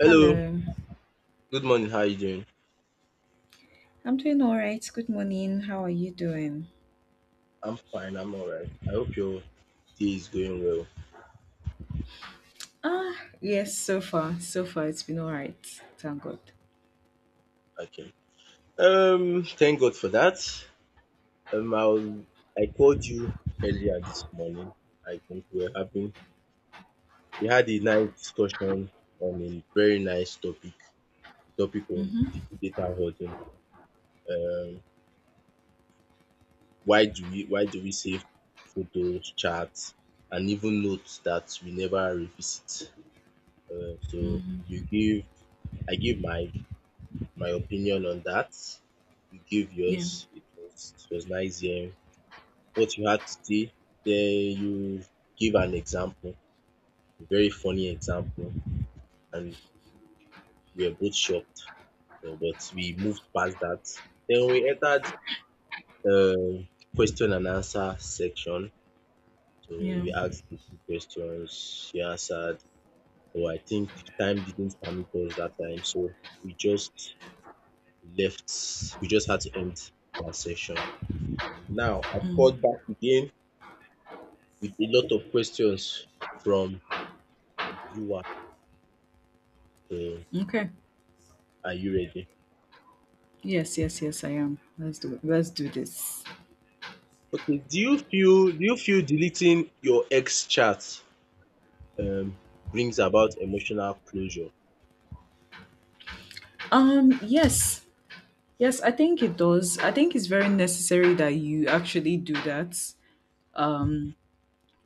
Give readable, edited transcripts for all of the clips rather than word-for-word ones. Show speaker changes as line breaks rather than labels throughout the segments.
Hello,
Hello.
good morning. How are you doing?
I'm doing all right. Good morning. How are you doing?
I'm fine. I'm all right. I hope your day is going well.
Yes, so far. So far, it's been all right. Thank God.
Okay. Thank God for that. Um, I will I called you earlier this morning. I think we're having we had a nice discussion on a very nice topic, the topic of the data hoarding. Um, why do we save photos, chats, and even notes that we never revisit? So you give I give my opinion on that. You gave
Yeah,
yours. It was nice hearing what you had to say. Then you give an example, a very funny example, and we were both shocked. But we moved past that. Then we entered um question and answer section. So
yeah.
we asked the two questions. She answered. So I think time didn't permit us that time. So we just left. We just had to end that session. Now, I've
mm,
called back again with a lot of questions from you. So,
Okay.
are you ready?
Yes, yes, yes, I am. Let's do it. Let's do this.
Okay. Do you feel deleting your ex chat um brings about emotional closure?
Yes. Yes, I think it does. I think it's very necessary that you actually do that. Um.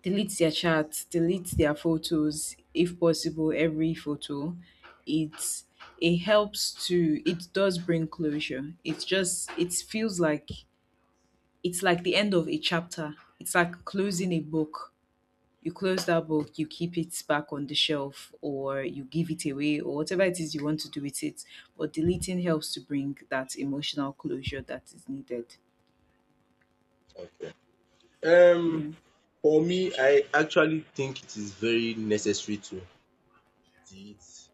Delete their chats, delete their photos if possible, every photo. It's it does bring closure. It's just it feels like it's like the end of a chapter. It's like closing a book. You close that book, you keep it back on the shelf or you give it away or whatever it is you want to do with it. But deleting helps to bring that emotional closure that is needed.
Okay. Um,
Yeah.
for me, I actually think it is very necessary to delete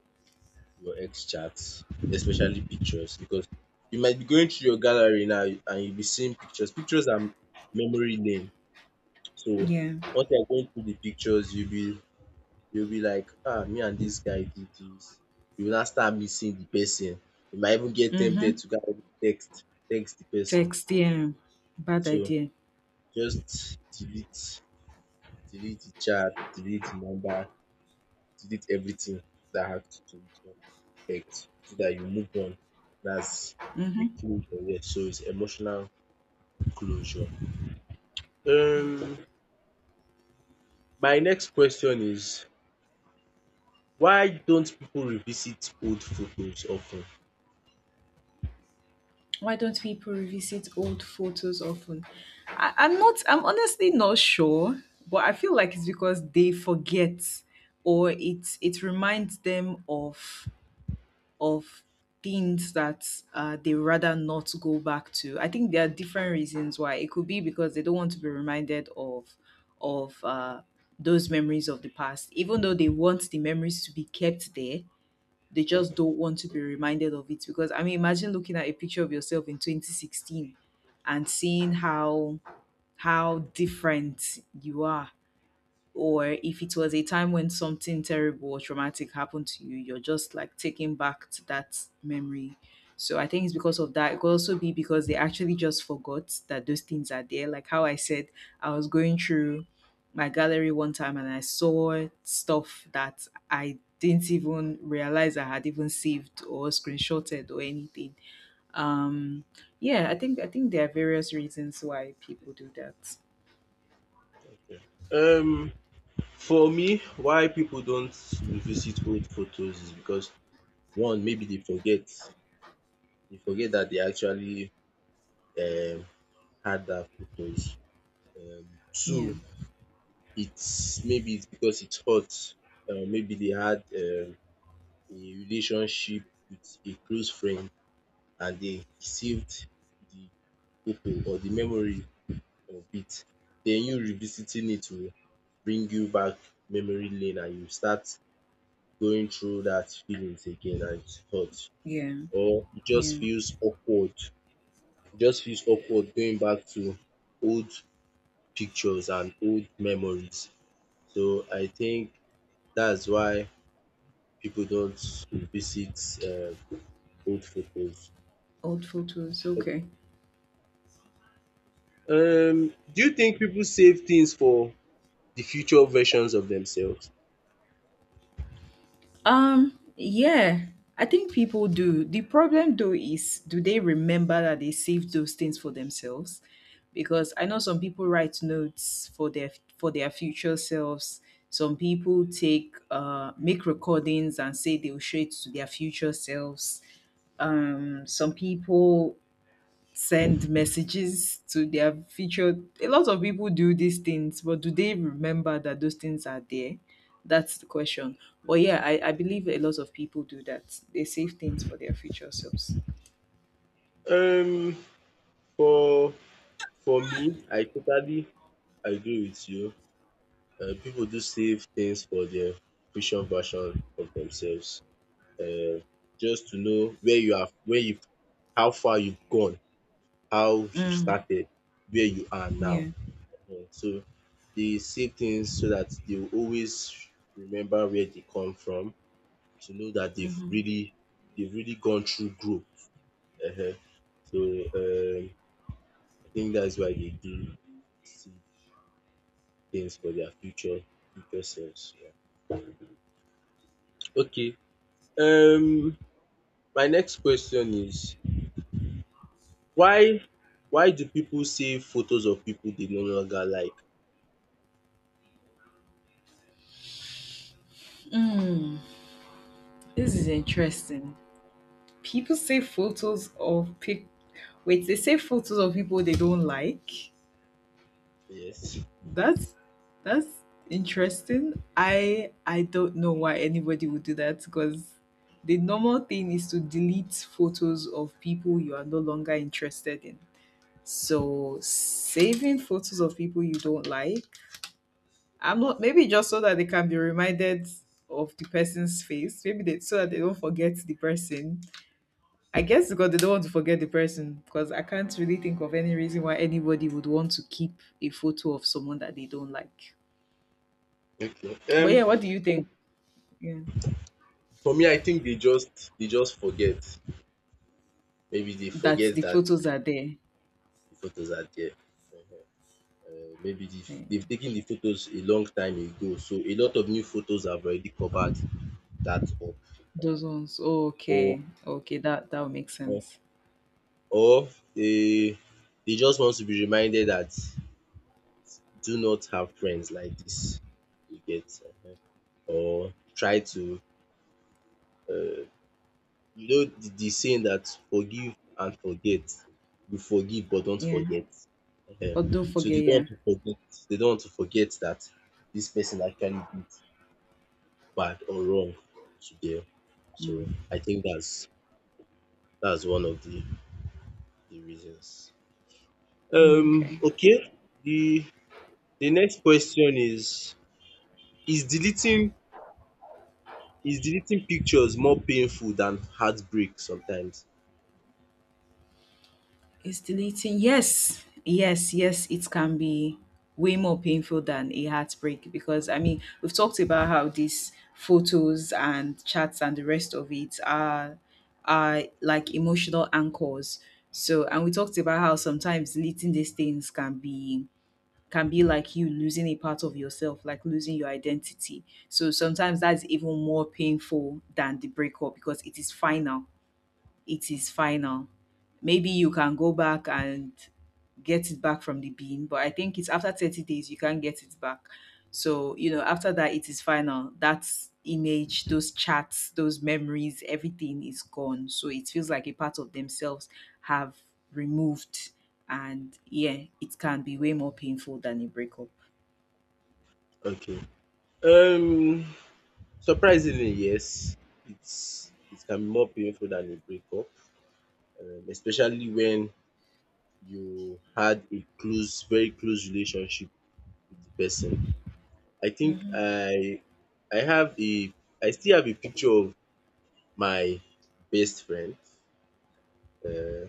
your ex chats, especially pictures, because you might be going through your gallery now and you'll be seeing pictures. Pictures are memory lane. So
Yeah.
once you are going through the pictures, you'll be like, “Ah, me and this guy did this. You will now start missing the person. You might even get tempted
Mm-hmm.
to go and text the person.
Text, yeah. Bad
So
idea.
just delete the chat, delete the number, delete everything that has to do with your ex so that you move on. That's a
Mm-hmm.
closure. Yes, so it's emotional closure. Um, my next question is why don't people revisit old photos often?
Why don't people revisit old photos often? I'm honestly not sure, but I feel like it's because they forget or it reminds them of things that they rather not go back to. I think there are different reasons why. It could be because they don't want to be reminded of those memories of the past, even though they want the memories to be kept there, they just don't want to be reminded of it, because I mean, imagine looking at a picture of yourself in 2016 and seeing how different you are, or if it was a time when something terrible or traumatic happened to you, you're just like taken back to that memory. So I think it's because of that. It could also be because they actually just forgot that those things are there. Like how I said, I was going through my gallery one time and I saw stuff that I didn't even realize I had even saved or screenshotted or anything. Um yeah, I think there are various reasons why people do that.
Um for me why people don't revisit old photos is because one maybe they forget that they actually um had that photos.
Yeah.
Two, it's maybe it's because it's hot maybe they had a relationship with a close friend and they saved the photo or the memory of it, then you revisiting it will bring you back memory lane and you start going through that feelings again and thoughts
Yeah.
or it just
Yeah.
feels awkward. It just feels awkward going back to old pictures and old memories. So I think that's why people don't revisit um old photos.
Old photos, okay.
Do you think people save things for the future versions of themselves?
Yeah, I think people do. The problem though is, do they remember that they saved those things for themselves? Because I know some people write notes for their future selves. Some people take make recordings and say they'll show it to their future selves. Some people send messages to their featured, a lot of people do these things, but do they remember that those things are there? That's the question. But yeah, I believe a lot of people do that, they save things for their future selves.
Um, for For me, I totally agree with you. People do save things for their future version of themselves. Uh, just to know where you how far you've gone, how you
mm,
started, where you are now.
yeah.
So they save things so that they will always remember where they come from to know that
hmm
they've really gone through growth. um So um I think that's why they do save things for their future selves. Yeah. Okay, um my next question is why why do people save photos of people they no longer like?
mm, this is interesting. People save photos of pic Wait, they save photos of people they don't like?
Yes,
That's that's interesting. I don't know why anybody would do that, because the normal thing is to delete photos of people you are no longer interested in. So saving photos of people you don't like, I'm not maybe just so that they can be reminded of the person's face. Maybe they so that they don't forget the person. I guess because they don't want to forget the person, because I can't really think of any reason why anybody would want to keep a photo of someone that they don't like.
okay.
But yeah, what do you think? Yeah.
For me I think they just forget, maybe they
That
forget
the
that
photos are there.
the photos are there. Maybe de
eh,
they've taken the photos a long time ago so a lot of new photos have already covered that up. Uh,
those ones. Oh,
or
okay. Okay, that would make
or
sense.
or They they just want to be reminded that do not have friends like this. You get? Or try to, you know, the saying that forgive and forget. You forgive but don't
Yeah.
forget. Ehen.
But don't
So
forget,
they don't
yeah.
want to forget. They don't want to forget that this person actually did bad or wrong to them. So I think that's one of the reasons.
Mm, okay.
Okay. The the next question is: Is deleting is deleting pictures more painful than heartbreak sometimes?
It's deleting. Yes. Yes, yes, it can be way more painful than a heartbreak, because I mean, we've talked about how these photos and chats and the rest of it are like emotional anchors. So, and we talked about how sometimes deleting these things can be like you losing a part of yourself, like losing your identity. So sometimes that's even more painful than the breakup, because it is final. It is final. Maybe you can go back and get it back from the bean, but I think it's after 30 days you can't get it back. So, you know, after that, it is final. That image, those chats, those memories, everything is gone. So it feels like a part of themselves have removed. And yeah, it can be way more painful than a breakup.
Okay. Um, surprisingly, yes. It's it can be more painful than a breakup, especially when you had a close, very close relationship with the person. I think
Mhm.
I I have a I still have a picture of my best friend. Uh,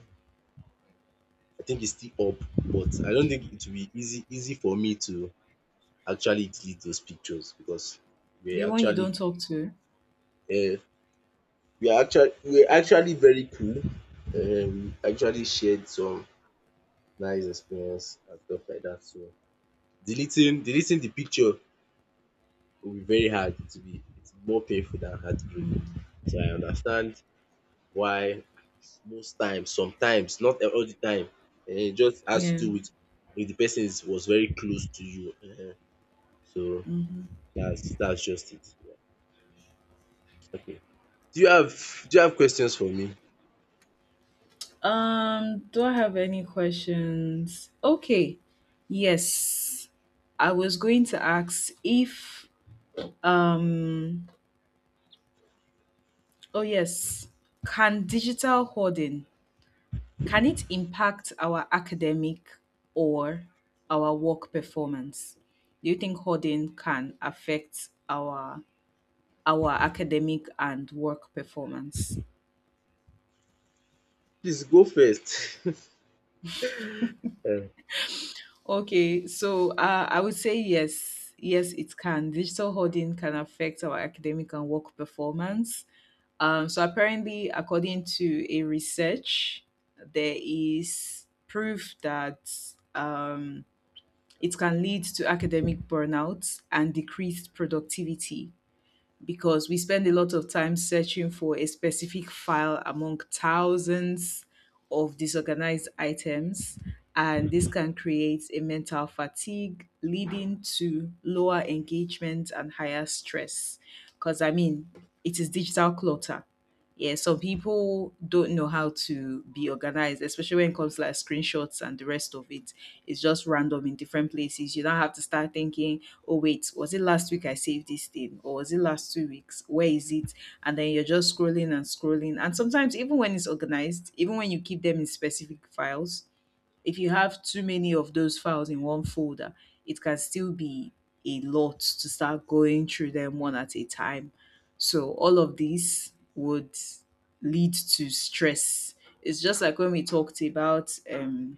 I think it's still up, but I don't think it will be easy for me to actually delete those pictures because we're
The one you
actually
don't talk to.
uh, we're actually very cool. We actually shared some nice experience and stuff like that. So deleting the picture will be very hard. It will be it's more painful than heartbreak.
Mm.
So I understand why most times, sometimes, not all the time, it just has to
Yeah.
do with if the person is was very close to you. So
Mhm.
that's just it. Yeah. Okay. Do you have questions for me?
Do I have any questions? Okay. Yes. I was going to ask if um oh yes, can digital hoarding, can it impact our academic or our work performance? Do you think hoarding can affect our academic and work performance?
Please go first. Um,
Okay, so I would say yes, yes, it can. Digital hoarding can affect our academic and work performance. So apparently, according to a research, there is proof that um, it can lead to academic burnout and decreased productivity, because we spend a lot of time searching for a specific file among thousands of disorganized items, and this can create a mental fatigue leading to lower engagement and higher stress. Because, I mean, it is digital clutter. Yeah, some people don't know how to be organized, especially when it comes to like screenshots and the rest of it. It's just random in different places. You don't have to start thinking, oh, wait, was it last week I saved this thing? Or was it last 2 weeks? Where is it? And then you're just scrolling and scrolling. And sometimes, even when it's organized, even when you keep them in specific files, if you have too many of those files in one folder, it can still be a lot to start going through them one at a time. So all of these would lead to stress. It's just like when we talked about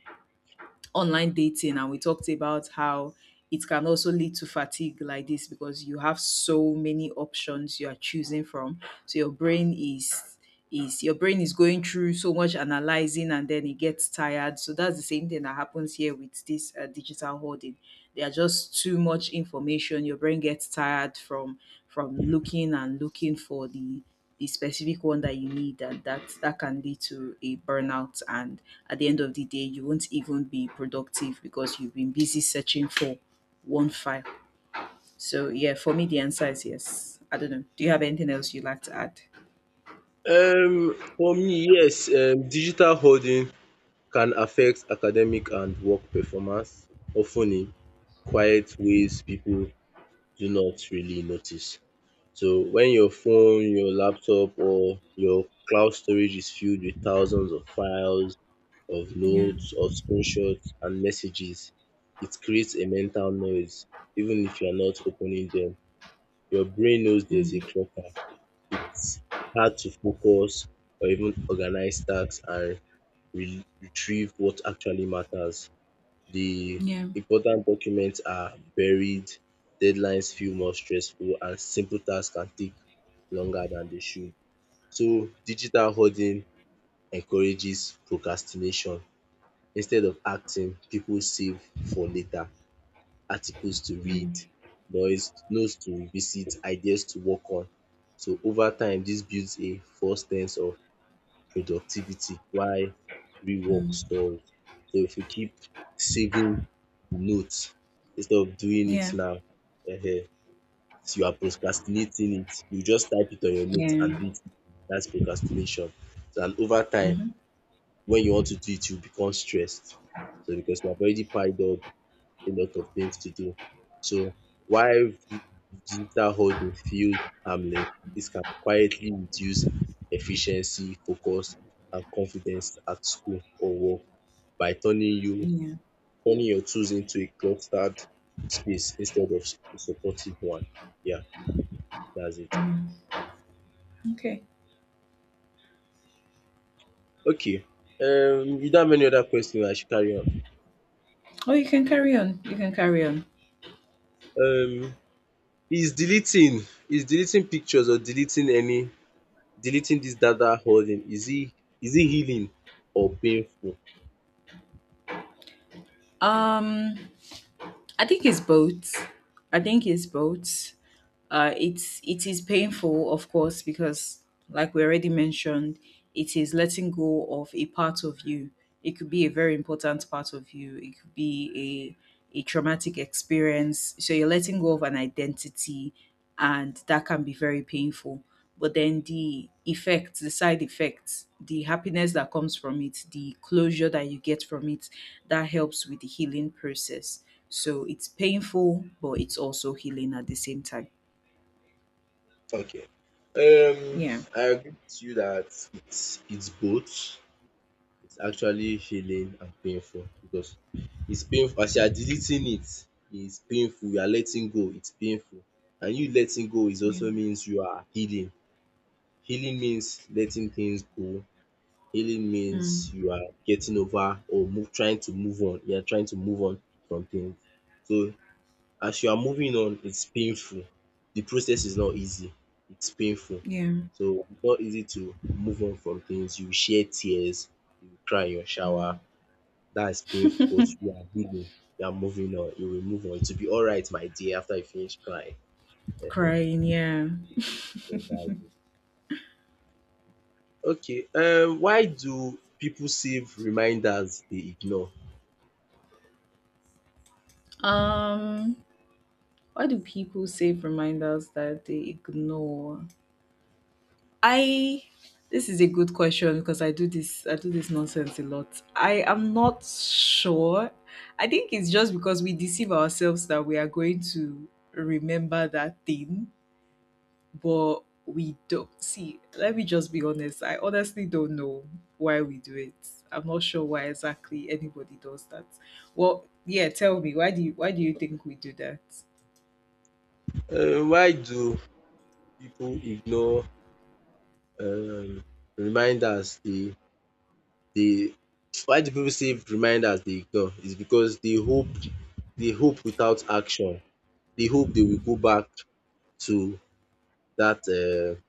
online dating, and we talked about how it can also lead to fatigue like this, because you have so many options you are choosing from, so your brain is going through so much analyzing and then it gets tired. So that's the same thing that happens here with this digital hoarding. There are just too much information, your brain gets tired from looking and looking for the specific one that you need, and that can lead to a burnout, and at the end of the day you won't even be productive because you've been busy searching for one file. So yeah, for me the answer is yes. I don't know, do you have anything else you'd like to add?
For me, yes, digital hoarding can affect academic and work performance, often in quiet ways people do not really notice. So when your phone, your laptop or your cloud storage is filled with thousands of files, of
Yeah.
notes, of screenshots and messages, it creates a mental noise even if you are not opening them, your brain knows there's a
Mm.
clock now. It's hard to focus or even organize tasks and retrieve what actually matters. The
Yeah.
important documents are buried, deadlines feel more stressful, and simple tasks can take longer than they should. So digital hoarding encourages procrastination. Instead of acting, people save for later, articles to read,
Mm.
noise, notes to visit, ideas to work on. So over time dis builds a false sense of productivity while real work
Mm.
stalls. So if you keep saving notes instead of doing it
Yeah.
now, um you are procrastinating it. You just type it on your note and
Yeah.
do it. Dats procrastination. And over time
Mm-hmm.
when you want to do it you become stressed so because you have already piled up a lot of things to do. So while digital hoarding feels harmless, this can quietly reduce efficiency, focus, and confidence at school or work by
Yeah.
turning your tools into a cluttered space instead of a supportive one. Yeah, that's it.
Okay.
Okay. Without many other questions, I should carry on.
Oh, you can carry on, you can carry on.
Um, is deleting is deleting pictures or deleting any deleting this data holding, is it healing or painful?
um i think it's both I think it's both. It is painful, of course, because, like we already mentioned, it is letting go of a part of you. It could be a very important part of you. It could be a traumatic experience. So you're letting go of an identity, and that can be very painful. But then the effects, the side effects, the happiness that comes from it, the closure that you get from it, that helps with the healing process. So it's painful, but it's also healing at the same time.
Okay. Um
Yeah.
I agree with you that it's both. It's actually healing and painful because it's painful as you are deleting it, it's painful. You are letting go, it's painful. And you letting go is also
Yeah.
means you are healing. Healing means letting things go. Healing
Mm,
means you are getting over or move trying to move on. You are trying to move on from things. So as you are moving on, it's painful. The process is not easy, it's painful.
yeah.
So it's not easy to move on from things. You shed tears, you cry in your
Mm.
shower. That is painful, but you are healing, you are moving on, you will move on. It will be alright, my dear, after you finish crying. Ehen,
Crying. Yeah.
so that's it. Okay, why do people save reminders they ignore?
Um. Why do people save reminders that they ignore? I. This is a good question, because I do this. I do this nonsense a lot. I am not sure. I think it's just because we deceive ourselves that we are going to remember that thing, but we don't see. Let me just be honest, I honestly don't know why we do it. I'm not sure why exactly anybody does that. Well, yeah, tell me, why do you think we do that?
Why do people ignore um reminders dey the why do people say reminders they ignore is because they hope, they hope without action. They hope they will go back to that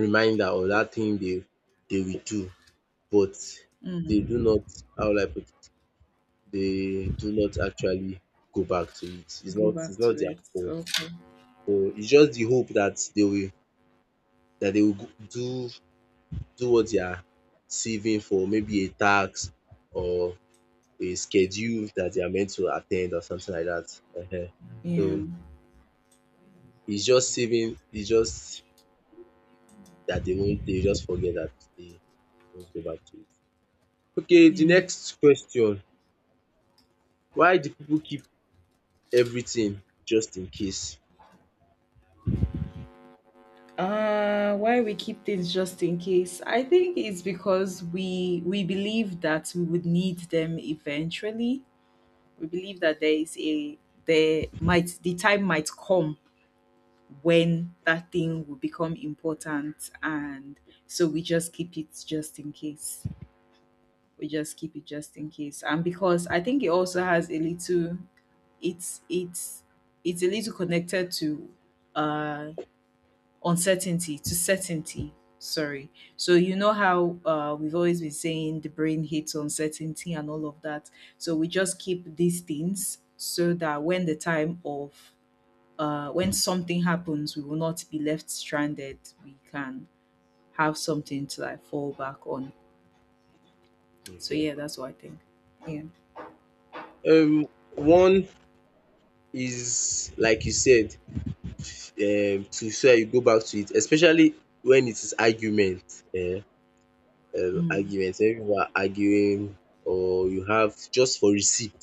reminder or that thing they will do, but they
Mm.
do not, how will I put it, they do not actually go back to it.
Go
It's
back
not
to
their
it,
fault.
okay.
So it's just the hope that they will do do what they are saving for, maybe a tax or a schedule that they are meant to attend or something like that. Ehen.
Yeah.
So it's just saving, it's just that they won't, they just forget that they won't go back to it. Okay, the
Yeah.
next question. Why do people keep everything just in case?
Why we keep things just in case, I think it's because we believe that we would need them eventually. We believe that there is a, there might, the time might come when that thing will become important, and so we just keep it just in case. We just keep it just in case. And because I think it also has a little, it's it's it's a little connected to uh uncertainty. To certainty, sorry. So, you know how we've always been saying the brain hates uncertainty and all of that. So we just keep these things so that when the time of when something happens, we will not be left stranded. We can have something to like fall back on. So
Okay.
yeah, that's what I think. Yeah.
Um, one is like you said, to so that you go back to it, especially when it is argument. Eh,
Mm.
argument, when you are arguing or you have just for receipt,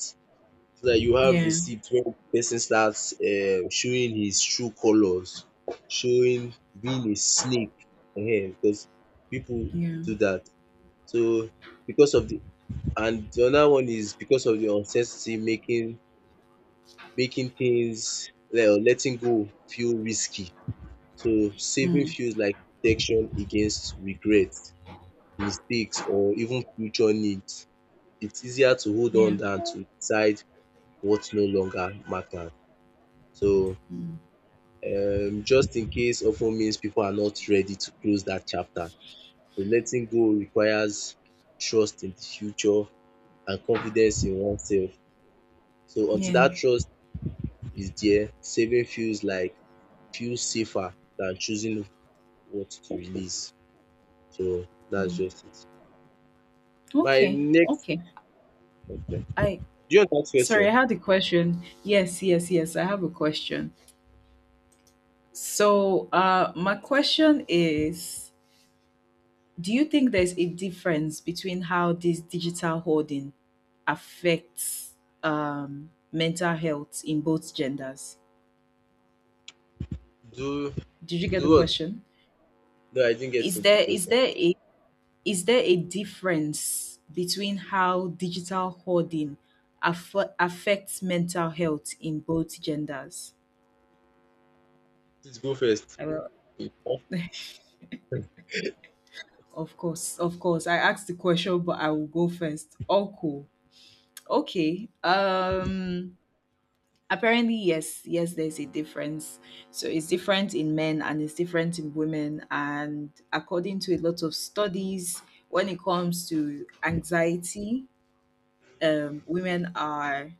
so that you have
Yeah.
receipt when person starts showing his true colors, showing being a snake because people do
Yeah.
that. So because of the and the other one is because of the uncertainty making things like or letting go feel risky. So saving
Mm.
feels like protection against regret, mistakes or even future needs. It's easier to hold on
Yeah.
than to decide what no longer matters. So
Mm.
just in case often means people are not ready to close that chapter. So letting go requires trust in the future and confidence in oneself. So until
Yeah.
that trust is there, saving feels like feels safer than choosing what to release. So that's
Mm.
just it. My
Okay.
next
Okay.
question. Do
I
you want to ask
Sorry,
question?
I had a question. Yes, yes, yes. I have a question. So my question is, do you think there's a difference between how this digital hoarding affects mental health in both genders?
Do
Did you get
do
the
what?
question?
No, I didn't get to
Is
the
there is
question.
there a is there a difference between how digital hoarding affects mental health in both genders?
Please go first.
I will,
Okay.
of course, of course. I asked the question, but I will go first. Oh, cool. Okay. Apparently, yes, there's a difference. So it's different in men and it's different in women. And according to a lot of studies, when it comes to anxiety, women are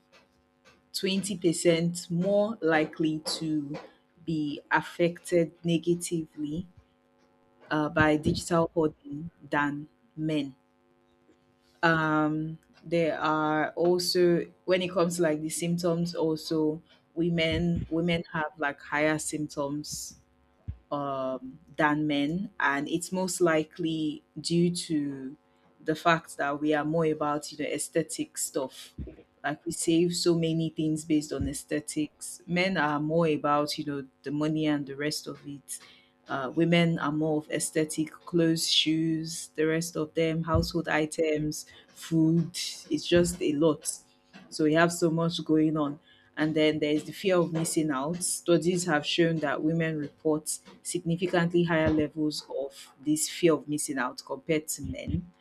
20% more likely to be affected negatively by digital hoarding than men. um there are also, when it comes to like the symptoms also, women have like higher symptoms than men, and it's most likely due to the fact that we are more about aesthetic stuff. Like we save so many things based on aesthetics. Men are more about the money and the rest of it. Women are more of aesthetic clothes, shoes, the rest of them, household items, food. It's just a lot. So we have so much going on, and then there is the fear of missing out. Studies have shown that women report significantly higher levels of this fear of missing out compared to men.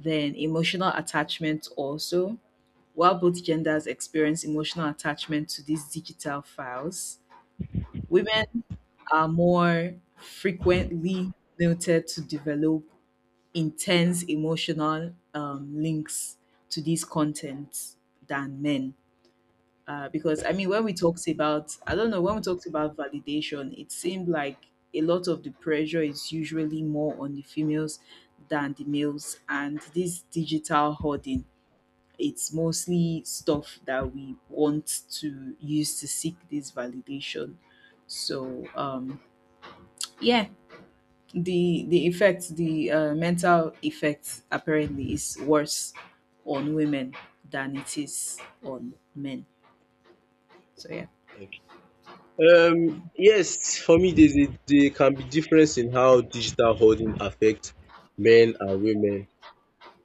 Then emotional attachment also. While both genders experience emotional attachment to these digital files, women are more frequently noted to develop intense emotional links to these contents than men, because I mean, when we talked about, I don't know, when we talked about validation, it seemed like a lot of the pressure is usually more on the females than the males, and this digital hoarding, it's mostly stuff that we want to use to seek this validation. So, yeah, the effect, the mental effect, apparently is worse on women than it is on men. So yeah.
Yes, for me, there's a, there can be difference in how digital hoarding affects men and women,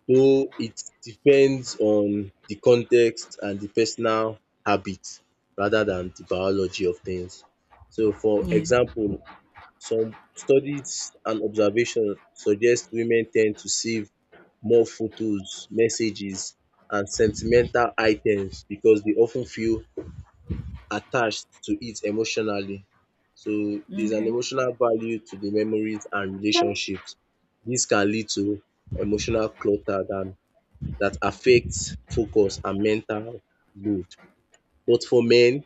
though it depends on the context and the personal habits rather than the biology of things. So, for
Yeah.
example, some studies and observations suggest women tend to save more photos, messages, and sentimental items because they often feel attached to it emotionally. So there's an
Okay.
emotional value to the memories and relationships. This can lead to emotional clutter than that affects focus and mental load. But for men,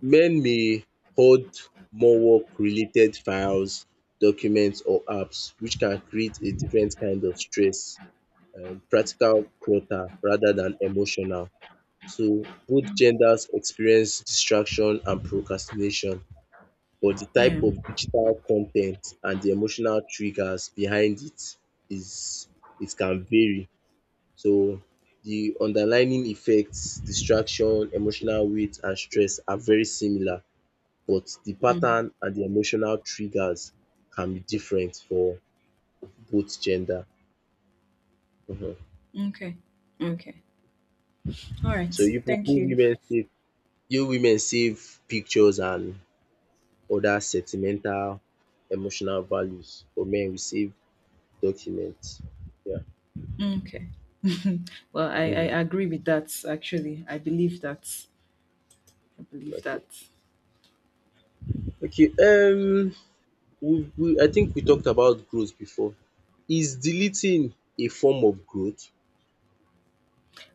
men may hold more work-related files, documents, or apps, which can create a different kind of stress, practical clutter rather than emotional. So both genders experience distraction and procrastination but the
Yeah.
type of digital content and the emotional triggers behind it is it can vary. So the underlying effects, distraction, emotional weight and stress are very similar but the
Mm.
pattern and the emotional triggers can be different for both gender. um
Okay. Okay. All right.
So you pipu
Thank you.
women save, you women save pictures and other sentimental emotional values. For men we save documents. Yeah.
Okay. Well, I,
um
I agree with that actually. I believe that. I believe that.
Okay. Okay, we I think we talked about growth before. Is deleting a form of growth?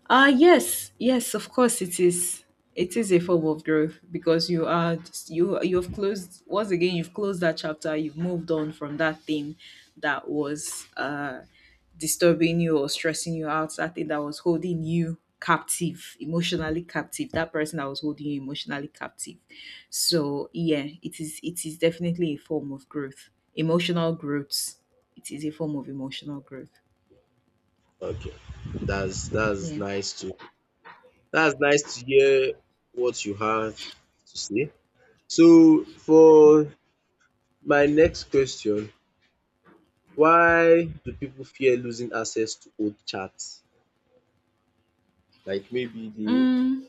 Uh, yes, of course it is. It is a form of growth because you are you've closed. Once again, you've closed that chapter, you've moved on from that thing that was disturbing you or stressing you out, that thing that was holding you captive, emotionally captive, that person that was holding you emotionally captive. So yeah, it is definitely a form of growth. Emotional growth. It is a form of emotional growth.
Okay. That's
Yeah.
nice to, that's nice to hear what you have to say. So for my next question, why do people fear losing access to old chats? Like maybe the,
Mm.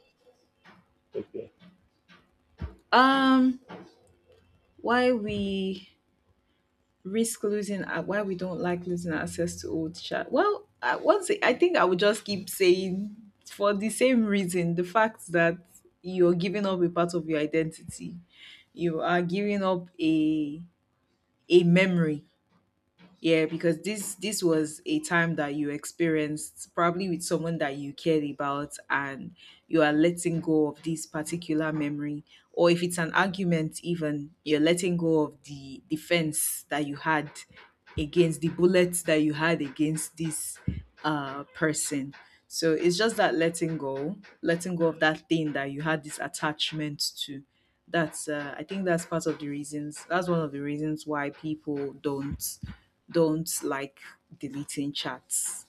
okay.
um why we risk losing, why we don't like losing access to old chat. Well, once I think I would just keep saying, for the same reason, the fact that you're giving up a part of your identity, you are giving up a memory. Yeah, because this was a time that you experienced probably with someone that you cared about, and you are letting go of this particular memory. Or if it's an argument, even, you're letting go of the defense that you had against the bullets that you had against this person. So it's just that letting go of that thing that you had this attachment to. That's I think that's part of the reasons. That's one of the reasons why people don't like deleting chats.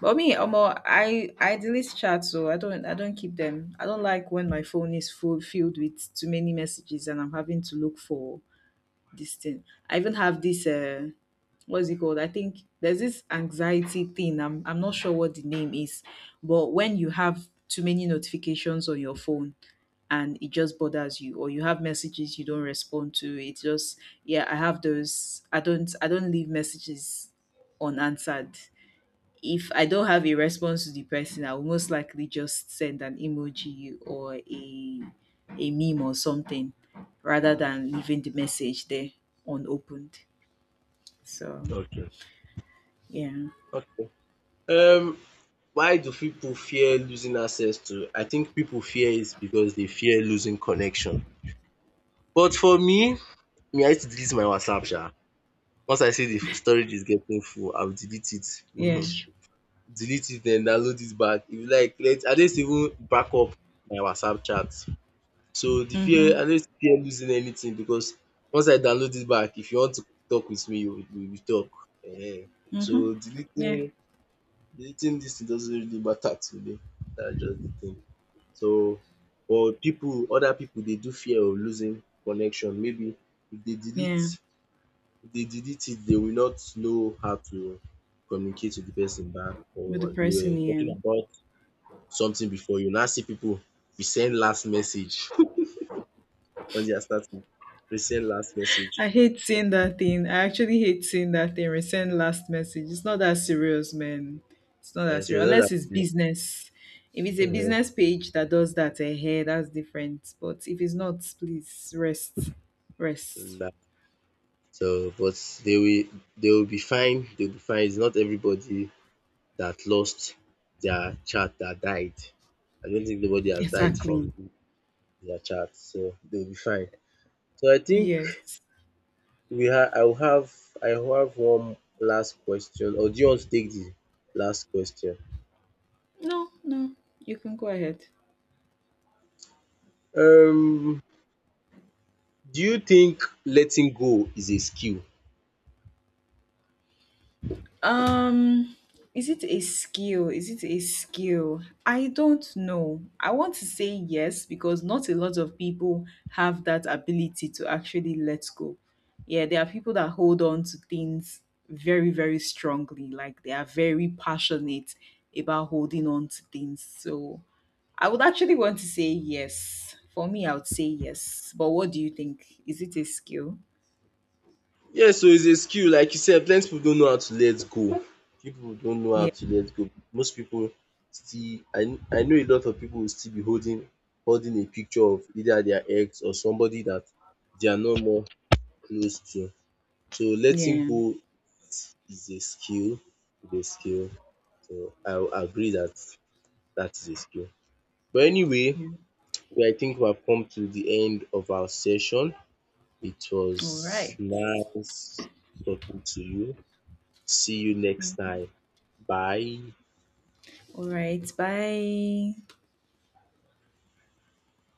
But me, Omo, I delete chats, so I don't keep them. I don't like when my phone is full, filled with too many messages and I'm having to look for this thing. I even have this what's it called? I think there's this anxiety thing. I'm not sure what the name is, but when you have too many notifications on your phone, and it just bothers you, or you have messages you don't respond to, it's just, yeah, I have those. I don't leave messages unanswered. If I don't have a response to the person, I will most likely just send an emoji or a meme or something, rather than leaving the message there unopened. So
Okay.
yeah.
Okay. Um Why do pipu fear losing access to? I think pipu fear it because dey fear losing connection. But for me, me I used to delete my WhatsApp sha. Once I see the storage is getting full, I will delete it.
Yeah.
Delete it then download it back. If you like let I no used to even back up my WhatsApp chat. So the fear,
Mm-hmm.
I no used to fear losing anything because once I download it back, if you want to talk with me, you we will talk. um
Mm-hmm.
So
Yeah.
deleting dis thing doesn't really matter to me. That's just the thing. So but pipu, other pipu dey do fear of losing connection, maybe if dey delete,
Yeah.
if dey delete it dey will not know how to communicate with the person back or
With the
they were
person,
talking
yeah.
about something before you now see pipu resend last message con their status, resend last message
I hate seeing that thing. I actually hate seeing that thing. Resend last message. It's not that serious, man. It's not
and
that
it's
serious.
another.
Unless it's business. If it's a business page that does that, eh, eh, that's different. But if it's not, please rest. Rest.
um so but they will, they will be fine, they will be fine, it's not everybody that lost their child that died. I don't think nobody has died
Exactly.
from their child, so they'll be fine. So I think
Yes.
we have. I will have, I will have one last question, or do you want to take the last question?
No, no. You can go ahead.
Um, do you think letting go is a skill?
Um, is it a skill? Is it a skill? I don't know. I want to say yes because not a lot of people have that ability to actually let go. Yeah, there are people that hold on to things very, very strongly. Like they are very passionate about holding on to things. So I would actually want to say yes. For me, I would say yes. But what do you think? Is it a skill?
Yes, so it's a skill, like you said plenty people don't know how to let go. People don't know how
Yeah.
to let go. Most people still I know a lot of people will still be holding, holding a picture of either their ex or somebody that they are no more close to. So letting
Yeah.
go is a skill, is a skill. So I will agree that that is a skill. But anyway,
Yeah.
we I think we have come to the end of our session. It
All
was
right.
nice talking to you. See you next time. Bye.
All right. Bye.